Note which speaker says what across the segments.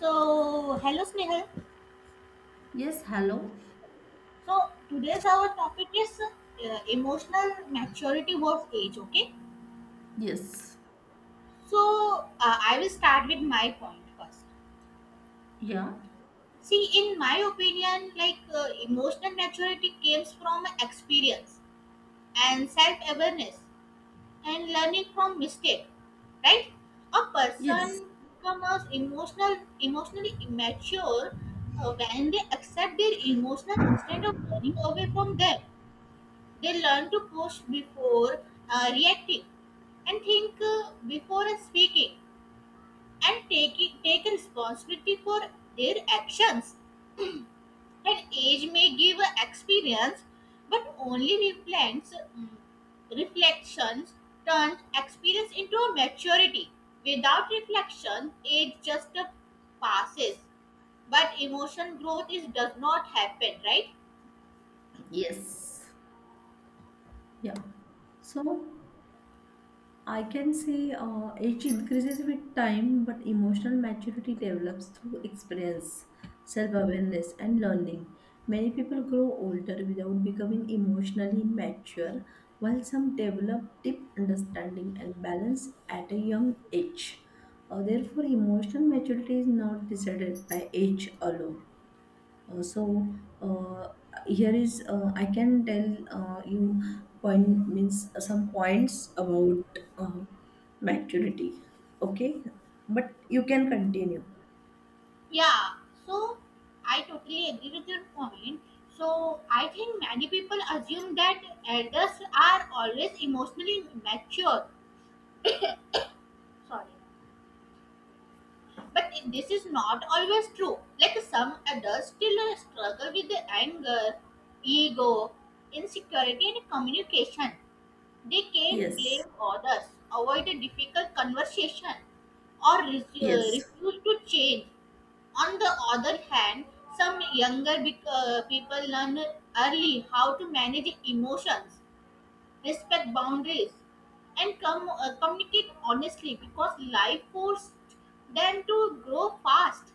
Speaker 1: So, hello Snehal.
Speaker 2: Yes, hello.
Speaker 1: So, today's our topic is emotional maturity with age, okay?
Speaker 2: Yes.
Speaker 1: So, I will start with my point first.
Speaker 2: Yeah.
Speaker 1: See, in my opinion, like emotional maturity comes from experience and self awareness and learning from mistake, right? A
Speaker 2: Yes.
Speaker 1: person becomes emotionally immature when they accept their emotional instead of running away from them. They learn to pause before reacting and think before speaking and take responsibility for their actions. And age may give experience but only reflections turns experience into a maturity. Without reflection, age just passes, but emotion growth is does not happen, right?
Speaker 2: Yes. Yeah. So I can say age increases with time, but emotional maturity develops through experience, self awareness, and learning. Many people grow older without becoming emotionally mature, while some develop deep understanding and balance at a young age. Therefore, emotional maturity is not decided by age alone. Uh, so uh, here is I can tell you point means some points about uh, maturity. Okay, but you can continue.
Speaker 1: Yeah, so I totally agree with your point. So I think many people assume that elders are always emotionally mature. Sorry. But this is not always true. Like some adults still struggle with the anger, ego, insecurity, and communication. They can blame
Speaker 2: Yes,
Speaker 1: others, avoid a difficult conversation, or
Speaker 2: yes.
Speaker 1: refuse to change. On the other hand, some people learn early how to manage emotions, respect boundaries, and communicate honestly because life forced them to grow fast.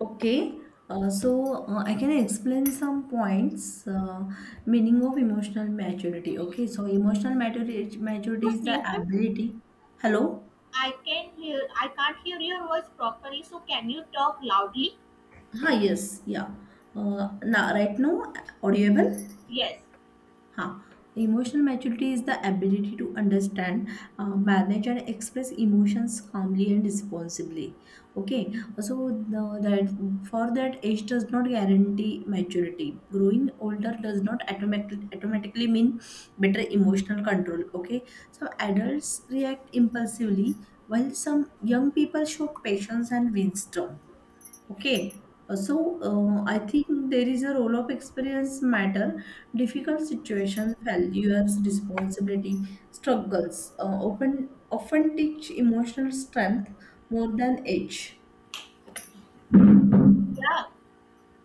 Speaker 2: Okay. I can explain some points. Meaning of emotional maturity. Okay, so emotional maturity
Speaker 1: So,
Speaker 2: maturity is the
Speaker 1: Snehan,
Speaker 2: ability. Hello.
Speaker 1: I can't hear your voice properly. So, can you talk loudly?
Speaker 2: Hi. Yes. Yeah. Now right now audible.
Speaker 1: Yes.
Speaker 2: हाँ, emotional maturity is the ability to understand, manage, and express emotions calmly and responsibly. Okay, so that for that age does not guarantee maturity. Growing older does not automatically mean better emotional control. Okay, some adults react impulsively while some young people show patience and wisdom. Okay, I think there is a role of experience matter. Difficult situations, failures, responsibility, struggles often teach emotional strength more than age.
Speaker 1: Yeah,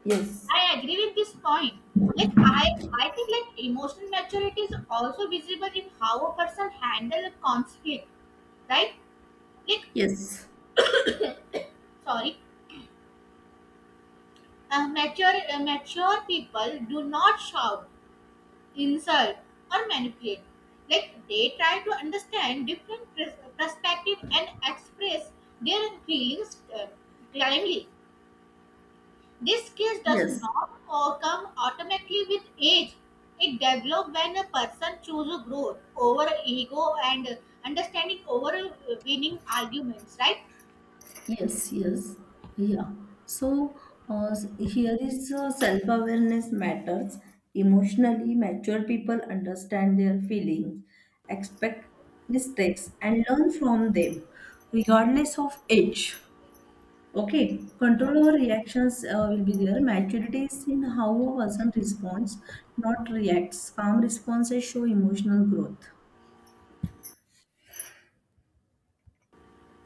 Speaker 2: Yes.
Speaker 1: I agree with this point. Like I think like emotional maturity is also visible in how a person handle a conflict, right? it
Speaker 2: Yes,
Speaker 1: Sorry. Mature people do not shout, insult, or manipulate. Like they try to understand different perspective and express their feelings calmly. This skill does
Speaker 2: yes.
Speaker 1: not come automatically with age. It develops when a person chooses growth over ego and understanding over winning arguments, right?
Speaker 2: Yes, yes, yeah. So here is self-awareness matters. Emotionally mature people understand their feelings, expect mistakes, and learn from them, regardless of age. Okay,
Speaker 1: Yeah.
Speaker 2: control over reactions will be there. Maturity is in how a person responds, not reacts. Calm responses show emotional growth.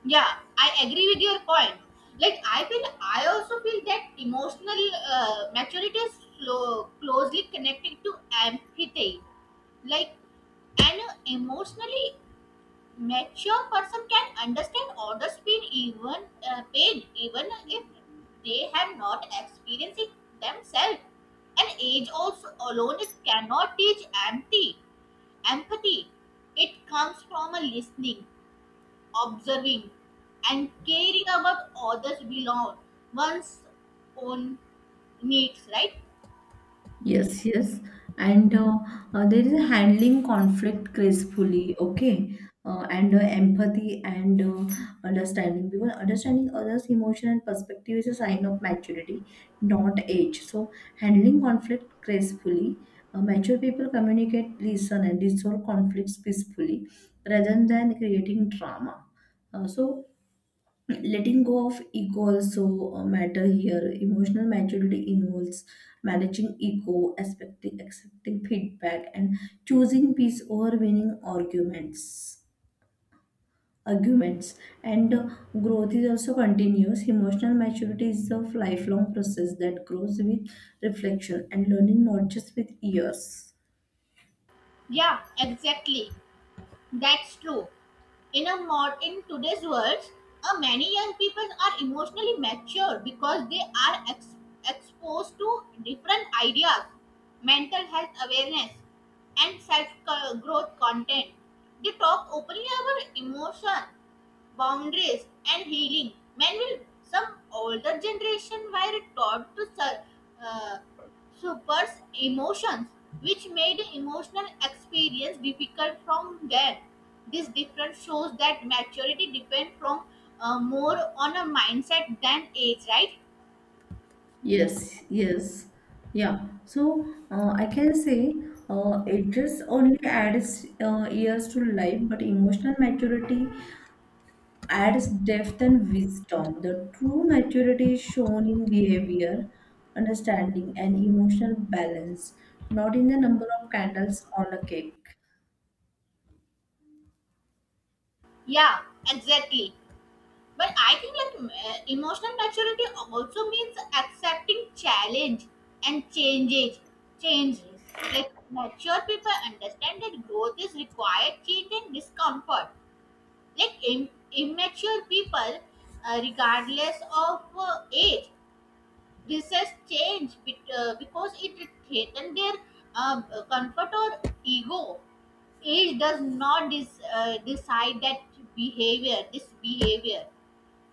Speaker 1: Yeah, I agree with your point. Like I also feel that emotional maturity is closely connected to empathy. Like an emotionally mature person can understand others' pain, even if they have not experienced it themselves. And age also alone it cannot teach empty empathy. It comes from a listening, observing, and caring about others beyond one's own needs, right?
Speaker 2: Yes, yes. And there is a handling conflict gracefully, okay? And Empathy and understanding, because understanding others' emotion and perspective is a sign of maturity, not age. So, handling conflict gracefully, mature people communicate, listen, and resolve conflicts peacefully rather than creating drama. Uh, so, Letting go of ego also matter here. Emotional maturity involves managing ego, expecting, accepting feedback, and choosing peace over winning arguments, and growth is also continuous. Emotional maturity is a lifelong process that grows with reflection and learning, not just with years.
Speaker 1: Yeah, exactly. That's true. In a mod in today's world, many young people are emotionally mature because they are exposed to different ideas, mental health awareness, and self growth content. They talk openly about emotion, boundaries, and healing. Men will some older generation were taught to uh, suppress emotions, which made emotional experience difficult from them. This difference shows that maturity depends from more on a mindset than age, right?
Speaker 2: Yes, yes, yeah. So I can say, ages only adds years to life, but emotional maturity adds depth and wisdom. The true maturity is shown in behavior, understanding, and emotional balance, not in the number of candles on a cake.
Speaker 1: Yeah, exactly. But I think like emotional maturity also means accepting challenge and changes. Like mature people understand that growth is required, change and discomfort. Like immature people, regardless of age, resist change because it threatens their uh, comfort or ego. Age does not decide that behavior this behavior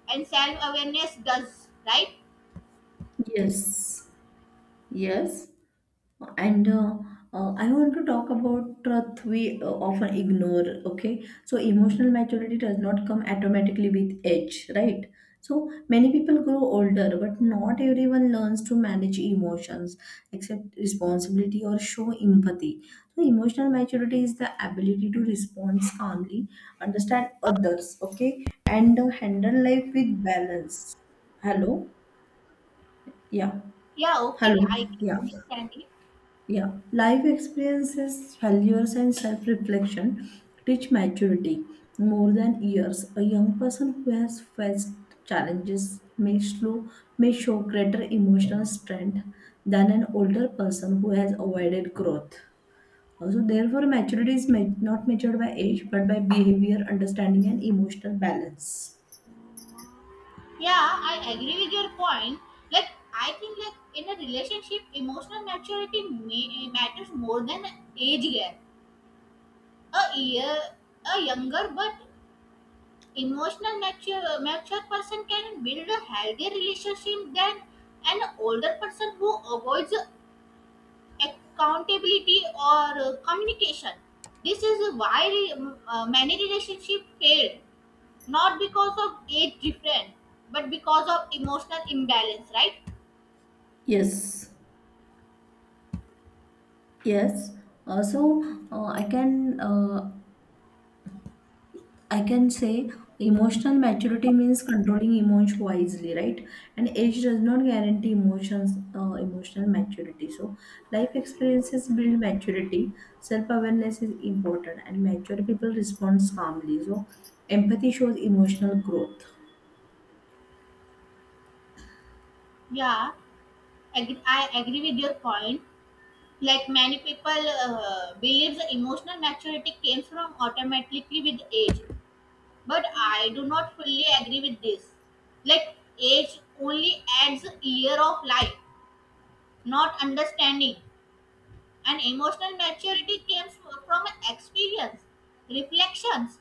Speaker 1: and self awareness does, right?
Speaker 2: Yes, yes. and I want to talk about truth we often ignore. Okay, so emotional maturity does not come automatically with age, right? So many people grow older, but not everyone learns to manage emotions, accept responsibility, or show empathy. So emotional maturity is the ability to respond calmly, understand others, okay, and handle life with balance. Hello. Yeah.
Speaker 1: Yeah, okay,
Speaker 2: Hello.
Speaker 1: I
Speaker 2: Yeah.
Speaker 1: understand it.
Speaker 2: Yeah, life experiences, failures, and self reflection teach maturity more than years. A young person who has faced challenges may, slow, may show greater emotional strength than an older person who has avoided growth. Also, therefore, maturity is not measured by age but by behavior, understanding, and emotional balance.
Speaker 1: Yeah, I agree with your point. Like, I think like in a relationship, emotional maturity matters more than age gap. A year, a younger but emotional mature person can build a healthier relationship than an older person who avoids accountability or communication. This is why many relationships fail, not because of age difference, but because of emotional imbalance, right?
Speaker 2: Yes, yes. Also, uh, I can uh, I can say emotional maturity means controlling emotions wisely, right? And age does not guarantee emotional maturity. So, life experiences build maturity. Self awareness is important, and mature people respond calmly. So, empathy shows emotional growth.
Speaker 1: Yeah, I agree with your point. Like many people believe the emotional maturity comes from automatically with age, but I do not fully agree with this. Like age only adds a year of life, not understanding. And emotional maturity comes from experience, reflections,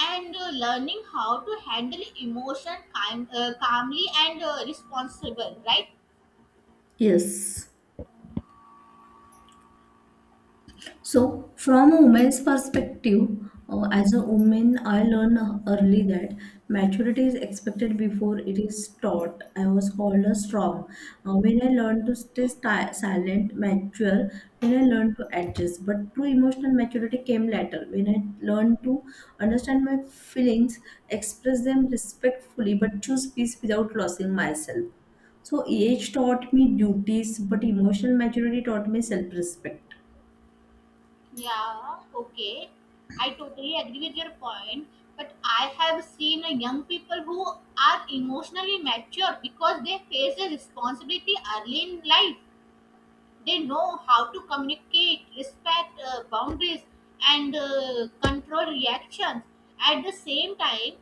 Speaker 1: and learning how to handle emotion calmly and responsible, right?
Speaker 2: Yes. So, from a woman's perspective, as a woman, I learned early that maturity is expected before it is taught. I was called a strong. When I learned to stay silent, mature, when I learned to adjust. But true emotional maturity came later. When I learned to understand my feelings, express them respectfully, but choose peace without losing myself. So, age taught me duties, but emotional maturity taught me self respect.
Speaker 1: Yeah, okay. I totally agree with your point. But I have seen young people who are emotionally mature because they face a responsibility early in life. They know how to communicate, respect boundaries, and control reactions. At the same time,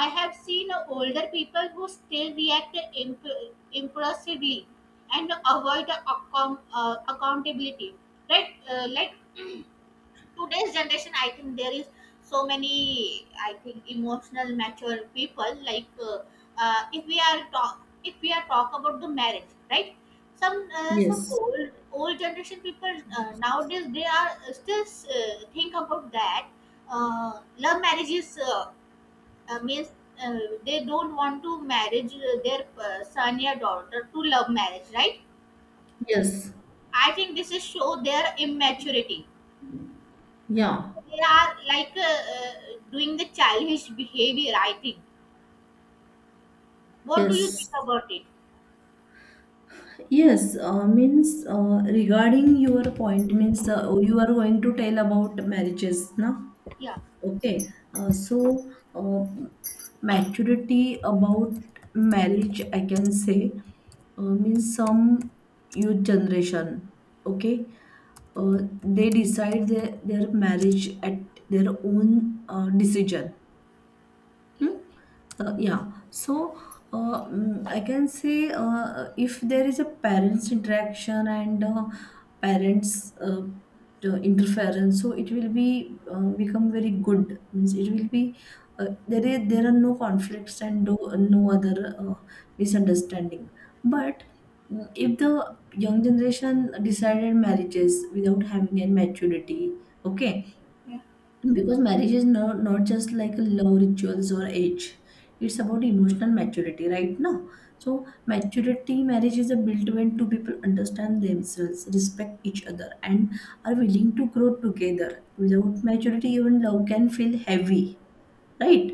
Speaker 1: I have seen older people who still react impulsively and avoid accountability, right? Like, today's generation, I think there is so many. I think emotional mature people, like if we are talk if we are talk about the marriage, right? Some
Speaker 2: Yes.
Speaker 1: old generation people nowadays, they are still think about that, uh, love marriages means, uh, they don't want to marriage their son or daughter to love marriage, right?
Speaker 2: Yes,
Speaker 1: I think this is show their immaturity.
Speaker 2: yeah,
Speaker 1: They are like doing the childish behavior, I think. What do you
Speaker 2: yes,
Speaker 1: think about it?
Speaker 2: yes. Means Regarding your point, means you are going to tell about marriages, na?
Speaker 1: Yeah,
Speaker 2: Okay. Uh, so uh, Maturity about marriage, I can say, means some youth generation. Okay. Uh, they decide their marriage at their own decision. Hmm? Yeah. So I can say, if there is a parents interaction and parents the interference, so it will be become very good. Means it will be there. There are no conflicts and no other misunderstanding. But if the young generation decided marriages without having any maturity, okay, because marriage is not just like love rituals or age, it's about emotional maturity right now. So maturity marriage is a built when two people understand themselves, respect each other, and are willing to grow together. Without maturity, even love can feel heavy, right?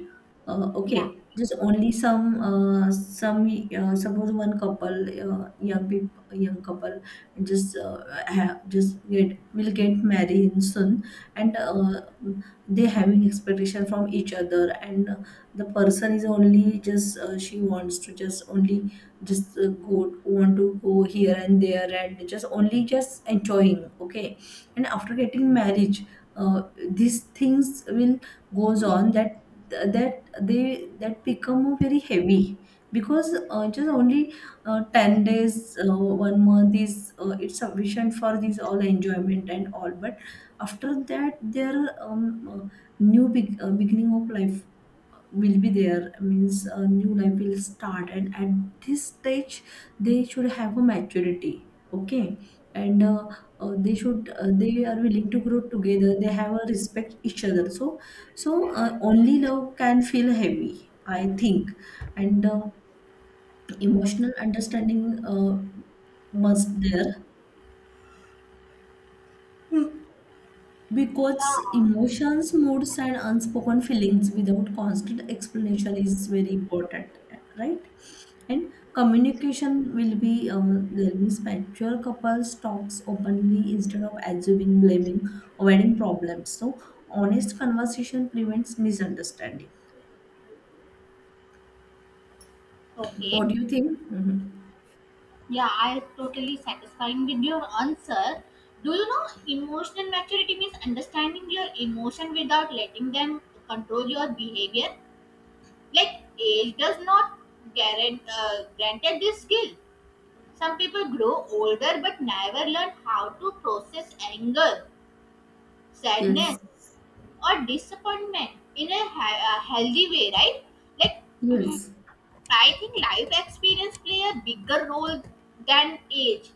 Speaker 1: yeah,
Speaker 2: Okay, just only some suppose one couple, young people, young couple, just have just get will get married soon, and they having expectation from each other, and the person is only just she wants to just only just go want to go here and there and just only just enjoying, okay, and after getting marriage, uh, these things will goes on that that they that become very heavy because just only 10 days one month is it's sufficient for this all enjoyment and all, but after that their um, uh, new big, beginning of life will be there. Means a new life will start, and at this stage they should have a maturity, okay, and they should they are willing to grow together, they have a respect each other. So so only love can feel heavy, I think, and emotional understanding must there.
Speaker 1: yeah.
Speaker 2: Because emotions, moods, and unspoken feelings without constant explanation is very important, right? And communication will be there. Means mature couples talks openly instead of assuming, blaming, avoiding problems. So honest conversation prevents misunderstanding.
Speaker 1: Okay.
Speaker 2: What do you think? Mhm.
Speaker 1: Yeah, I totally satisfying with your answer. Do you know emotional maturity means understanding your emotion without letting them control your behavior? Like age does not guarant granted this skill. Some people grow older but never learn how to process anger, sadness,
Speaker 2: Yes,
Speaker 1: or disappointment in a healthy way, right? Like, mm,
Speaker 2: yes,
Speaker 1: I think life experience play a bigger role than age.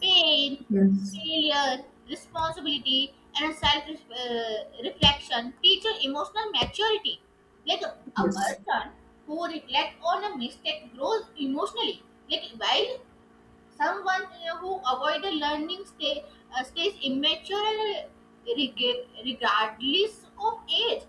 Speaker 1: Pain,
Speaker 2: yes,
Speaker 1: failure, responsibility, and self reflection teach an emotional maturity. Like a
Speaker 2: yes.
Speaker 1: person who reflects on a mistake grows emotionally. Like while someone who avoid the learning stays immature and regardless of age.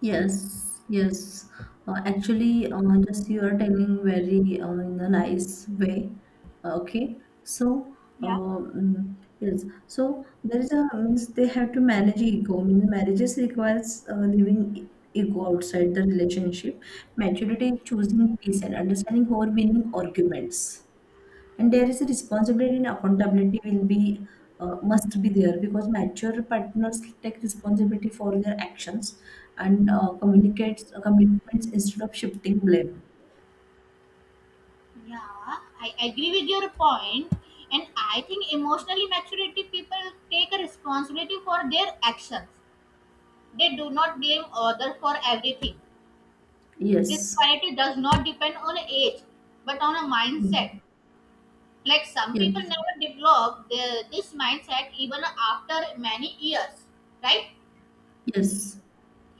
Speaker 2: Yes, yes. Actually, just you are telling very in a nice way. Uh, okay, so
Speaker 1: Yeah.
Speaker 2: yes, so there is a means they have to manage ego. Means marriages requires leaving ego outside the relationship. Maturity is choosing peace and understanding over winning arguments, and there is a responsibility and accountability will be must be there, because mature partners take responsibility for their actions and communicates commitments instead of shifting blame.
Speaker 1: Yeah, I agree with your point, and I think emotionally maturity people take a responsibility for their actions. They do not blame others for everything. This
Speaker 2: Yes.
Speaker 1: quality does not depend on age, but on a
Speaker 2: Mm.
Speaker 1: mindset. Like some people
Speaker 2: Yes,
Speaker 1: never develop this mindset even after many years, right?
Speaker 2: yes,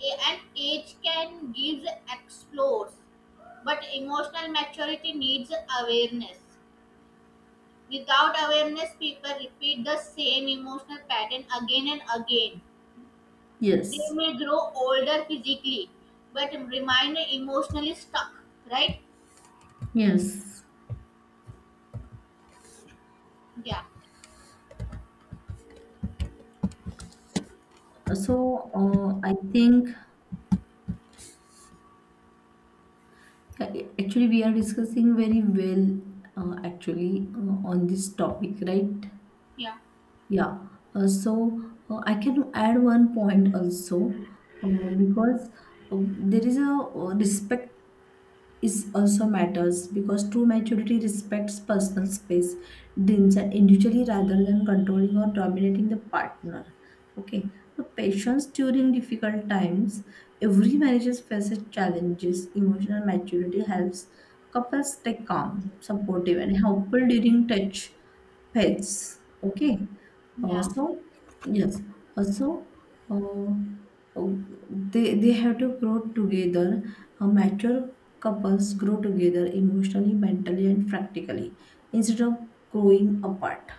Speaker 1: A- And age can give explores, but emotional maturity needs awareness. Without awareness, people repeat the same emotional pattern again and again. They
Speaker 2: yes,
Speaker 1: may grow older physically, but remain emotionally stuck, right?
Speaker 2: yes.
Speaker 1: Yeah,
Speaker 2: So I think uh, actually we are discussing very well, actually on this topic, right?
Speaker 1: yeah,
Speaker 2: Yeah, uh, so I can add one point also, uh, because there is a respect is also matters because true maturity respects personal space, dreams, and individually rather than controlling or dominating the partner. Okay, so patience during difficult times. Every marriage faces challenges. Emotional maturity helps couples stay calm, supportive, and helpful during touch pets. Okay,
Speaker 1: yeah,
Speaker 2: also, yes, also. Uh, uh, they have to grow together. A mature couples grow together emotionally, mentally, and practically instead of growing apart.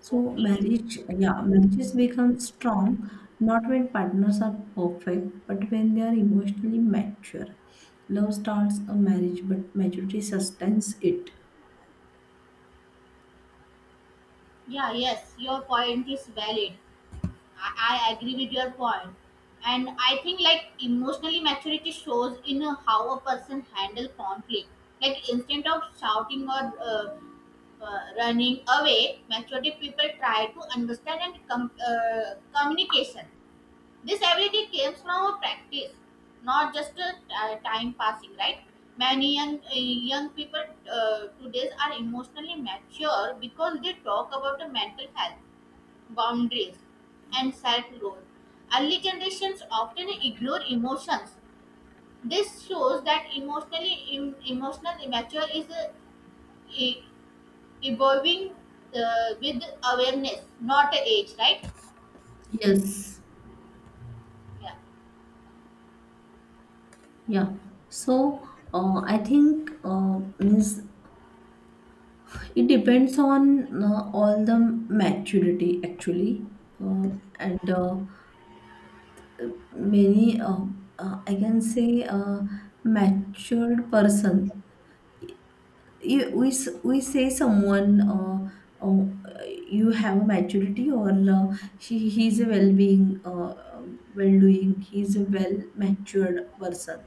Speaker 2: So
Speaker 1: okay.
Speaker 2: marriage, yeah, marriages become strong not when partners are perfect, but when they are emotionally mature. Love starts a marriage, but maturity sustains it.
Speaker 1: Yeah, yes, your point is valid. I agree with your point. And I think like emotionally maturity shows in how a person handle conflict. Like instead of shouting or running away, maturity people try to understand and communication. This ability comes from a practice, not just a time passing, right? Many young people today are emotionally mature because they talk about the mental health, boundaries, and self growth. Early generations often ignore emotions. This shows that emotional immature is i- evolving with awareness, not age, right?
Speaker 2: Yes,
Speaker 1: Yeah,
Speaker 2: yeah. So I think means it depends on all the maturity actually, uh, and many I can say uh, matured person. We say someone oh, you have a maturity, or he's a well-being, well-doing, he's a well matured person,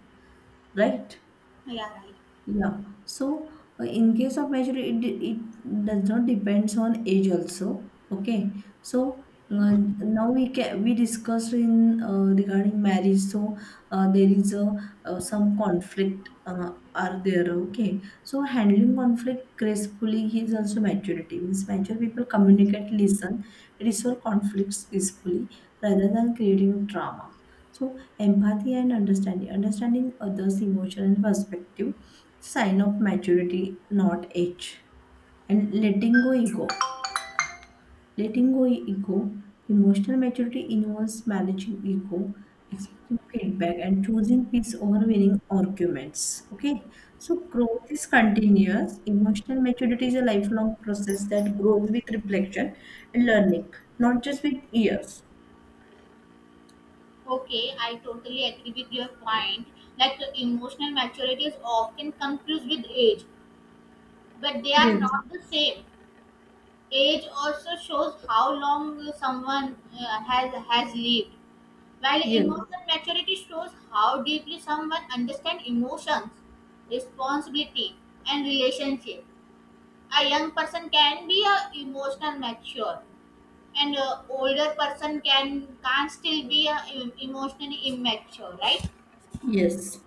Speaker 2: right?
Speaker 1: yeah, right.
Speaker 2: Yeah. So in case of maturity, it does not depends on age also. Okay. So
Speaker 1: Yeah.
Speaker 2: now we can we discussed in regarding marriage. So there is a some conflict are there. Okay. So handling conflict gracefully is also maturity. Means mature people communicate, listen, resolve conflicts peacefully rather than creating drama. So empathy and understanding others' emotion and perspective sign of maturity, not age. And letting go ego. Letting go ego. Emotional maturity involves managing ego, expecting feedback, and choosing peace over winning arguments. Okay, so growth is continuous. Emotional maturity is a lifelong process that grows with reflection and learning, not just with years.
Speaker 1: Okay, I totally agree with your point. Like emotional maturity is often confused with age, but they are
Speaker 2: Yes,
Speaker 1: not the same. Age also shows how long someone has lived, while
Speaker 2: yes,
Speaker 1: emotional maturity shows how deeply someone understands emotions, responsibility, and relationship. A young person can be a emotional mature. And a older person can still be emotionally immature, right?
Speaker 2: yes.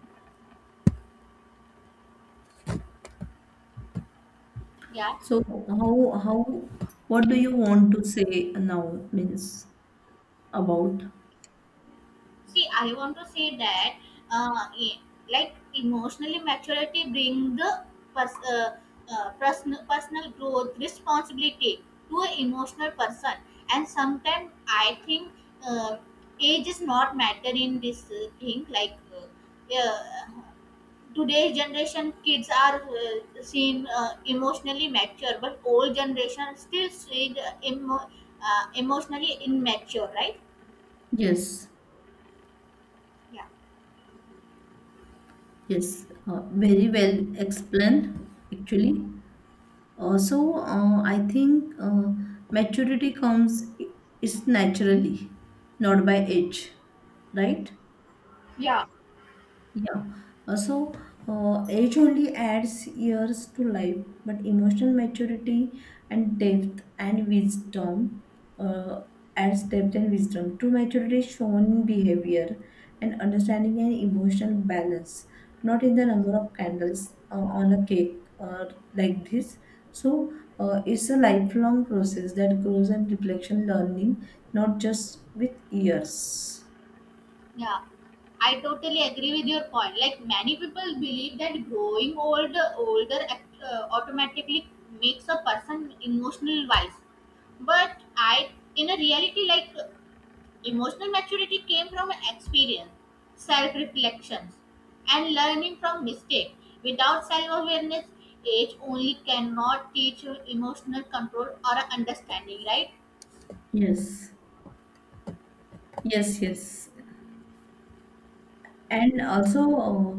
Speaker 1: Yeah.
Speaker 2: So how what do you want to say now means about?
Speaker 1: See, I want to say that, uh, e- like emotionally maturity bring the pers- uh, personal growth responsibility to an emotional person, and sometimes I think uh, age is not matter in this thing. Like, yeah, today's generation kids are seen emotionally mature, but old generation still seen emotionally immature, right?
Speaker 2: Yes,
Speaker 1: Yeah,
Speaker 2: yes, very well explained actually. Also, I think maturity is naturally, not by age, right? Yeah. So, age only adds years to life, but emotional maturity and depth and wisdom uh, adds depth and wisdom. True maturity is shown in behavior and understanding and emotional balance, not in the number of candles on a cake or like this. So, it's a lifelong process that grows and reflection learning, not just with years.
Speaker 1: yeah. I totally agree with your point. Like many people believe that older automatically makes a person emotional wise. But I, in a reality, like emotional maturity came from experience, self reflections, and learning from mistakes. Without self awareness, age only cannot teach you emotional control or understanding, right?
Speaker 2: Yes. Yes, yes. And also,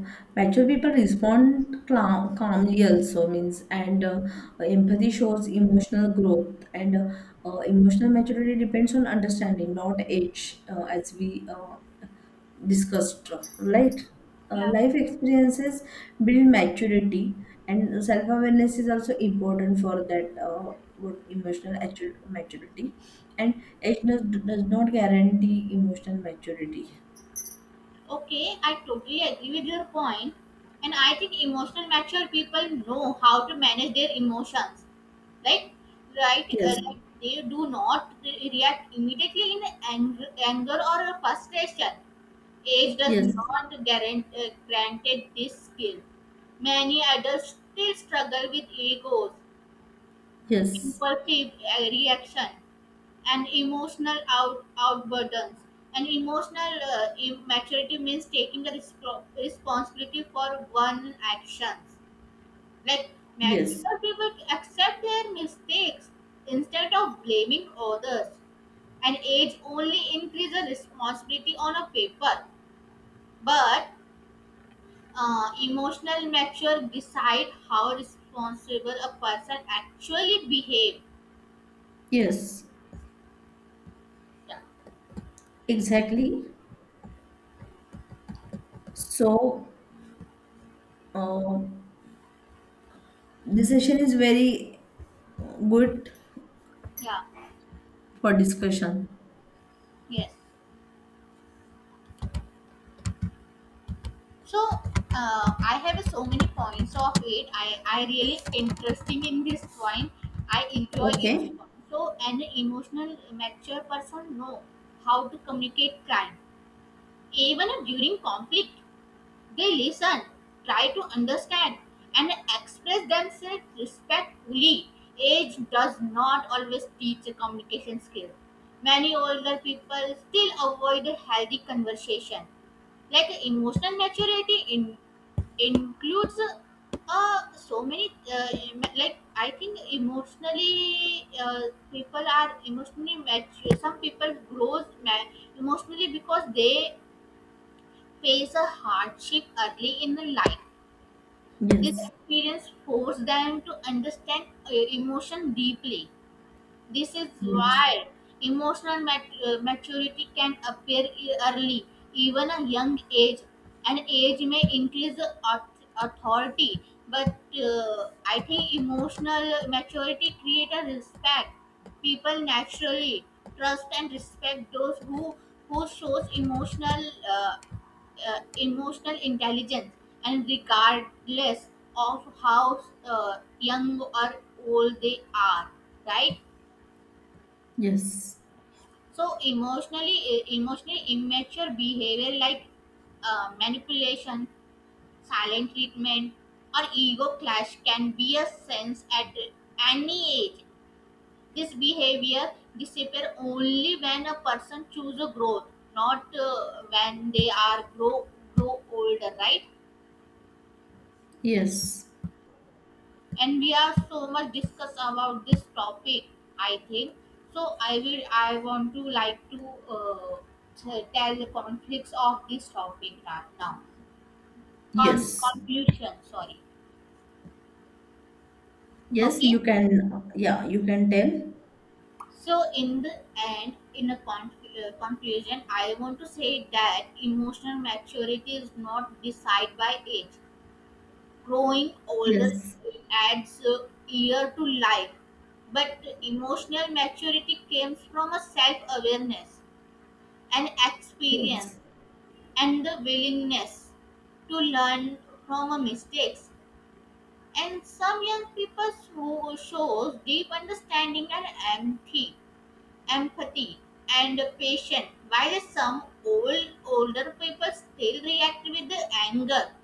Speaker 2: mature people respond calmly also means, and empathy shows emotional growth, and emotional maturity depends on understanding, not age, as we discussed, right?
Speaker 1: Yeah.
Speaker 2: Life experiences build maturity, and self-awareness is also important for that. Maturity and age does not guarantee emotional maturity.
Speaker 1: Okay, I totally agree with your point, and I think emotional mature people know how to manage their emotions, right? Right,
Speaker 2: Yes.
Speaker 1: like they do not react immediately in anger or frustration. Age does
Speaker 2: Yes.
Speaker 1: not guarant granted this skill. Many adults still struggle with egos,
Speaker 2: Yes,
Speaker 1: impulsive reaction, and emotional out outburdens. And emotional maturity means taking the responsibility for one actions. Like
Speaker 2: yes,
Speaker 1: mature people accept their mistakes instead of blaming others. And age only increases responsibility on a paper, but emotional mature decide how responsible a person actually behave.
Speaker 2: yes,
Speaker 1: Yeah.
Speaker 2: exactly. So, uh, this session is very good
Speaker 1: Yeah,
Speaker 2: for discussion.
Speaker 1: yes, so I have so many points of it. I really interesting in this point. I enjoy it.
Speaker 2: Okay?
Speaker 1: So an emotional mature person know how to communicate crime even during conflict. They listen, try to understand, and express themselves respectfully. Age does not always teach a communication skill. Many older people still avoid a healthy conversation. Like emotional maturity includes so many, like I think emotionally people are emotionally mature. Some people grows emotionally because they face a hardship early in the life. This
Speaker 2: Yes,
Speaker 1: experience forced them to understand emotion deeply. This is
Speaker 2: yes,
Speaker 1: why maturity can appear early, even a young age. And age may increase the authority, but I think emotional maturity creates a respect. People naturally trust and respect those who shows emotional emotional intelligence and regardless of how young or old they are, right?
Speaker 2: yes,
Speaker 1: So emotionally immature behavior like manipulation, silent treatment, or ego clash can be a sense at any age. This behavior disappear only when a person chooses growth, not when they are grow older, right?
Speaker 2: yes,
Speaker 1: And we have so much discuss about this topic, I think. So I want to like to tell the conflicts of this topic right now.
Speaker 2: yes,
Speaker 1: Conclusion, sorry.
Speaker 2: yes, you
Speaker 1: Okay,
Speaker 2: can, yeah, you can tell.
Speaker 1: so in the end, in a conclusion, I want to say that emotional maturity is not decided by age. Growing older
Speaker 2: Yes,
Speaker 1: adds a year to life, but emotional maturity comes from a self awareness and experience
Speaker 2: yes,
Speaker 1: and the willingness to learn from a mistakes. And some young people shows deep understanding and empathy, empathy and patience, while some older people still react with anger,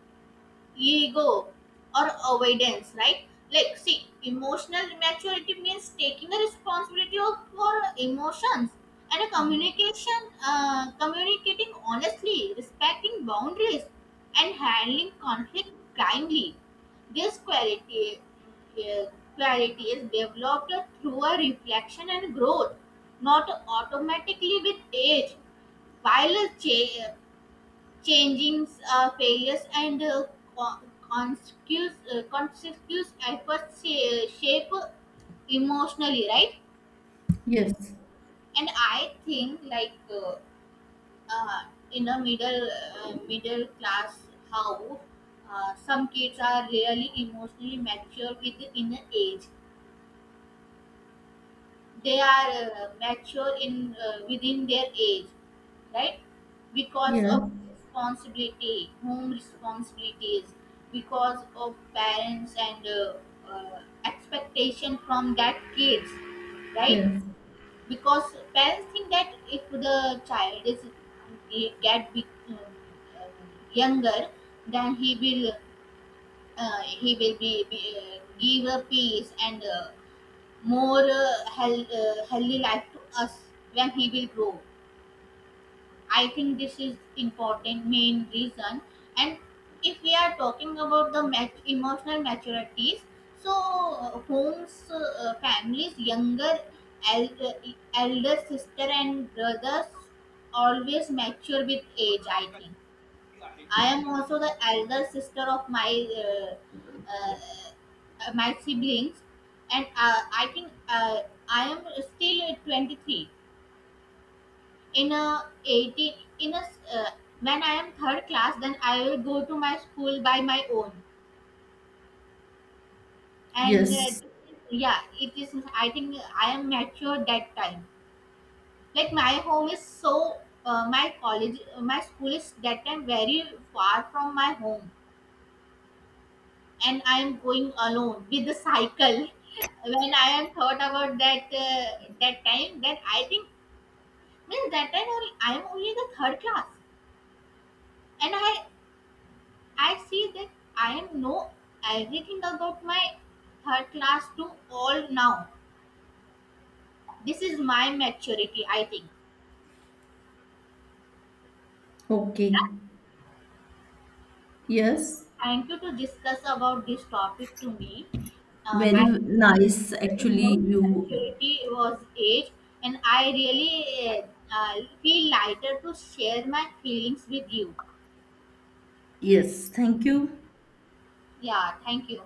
Speaker 1: ego, or avoidance, right? Like, see, emotional maturity means taking the responsibility of for emotions and a communication, communicating honestly, respecting boundaries, and handling conflict kindly. This uh, quality is developed through a reflection and growth, not automatically with age, while changing failures and co- consecutive efforts shape emotionally, right?
Speaker 2: yes,
Speaker 1: And I think like uh, in a middle class house, some kids are really emotionally mature with inner age. They are mature in within their age, right? Because
Speaker 2: yes,
Speaker 1: of responsibility, home responsibilities, because of parents and expectation from that kids, right?
Speaker 2: yes,
Speaker 1: Because parents think that if the child is get big, uh, uh, younger, then he will be give a peace and more healthy life to us when he will grow. I think this is important main reason. And if we are talking about the emotional maturities, so homes, families, younger elder, elder sister and brothers always mature with age, I think. I am also the elder sister of my uh, my siblings, and I think I am still 23. In a 18, in a uh, when I am third class, then I will go to my school by my own, and
Speaker 2: yes.
Speaker 1: yeah, it is. I think I am mature that time. Like my home is so. My college, my school is that time very far from my home and I am going alone with the cycle. When I am thought about that time, that I think means that time only, I am only the third class, and I see that I am know everything about my third class to all now. This is my maturity, I think.
Speaker 2: Okay, yes,
Speaker 1: Thank you to discuss about this topic to me.
Speaker 2: very
Speaker 1: I think
Speaker 2: nice.
Speaker 1: the
Speaker 2: Actually,
Speaker 1: emotional
Speaker 2: you,
Speaker 1: maturity was age, and I really uh, feel lighter to share my feelings with you.
Speaker 2: yes, thank you.
Speaker 1: Yeah, thank you.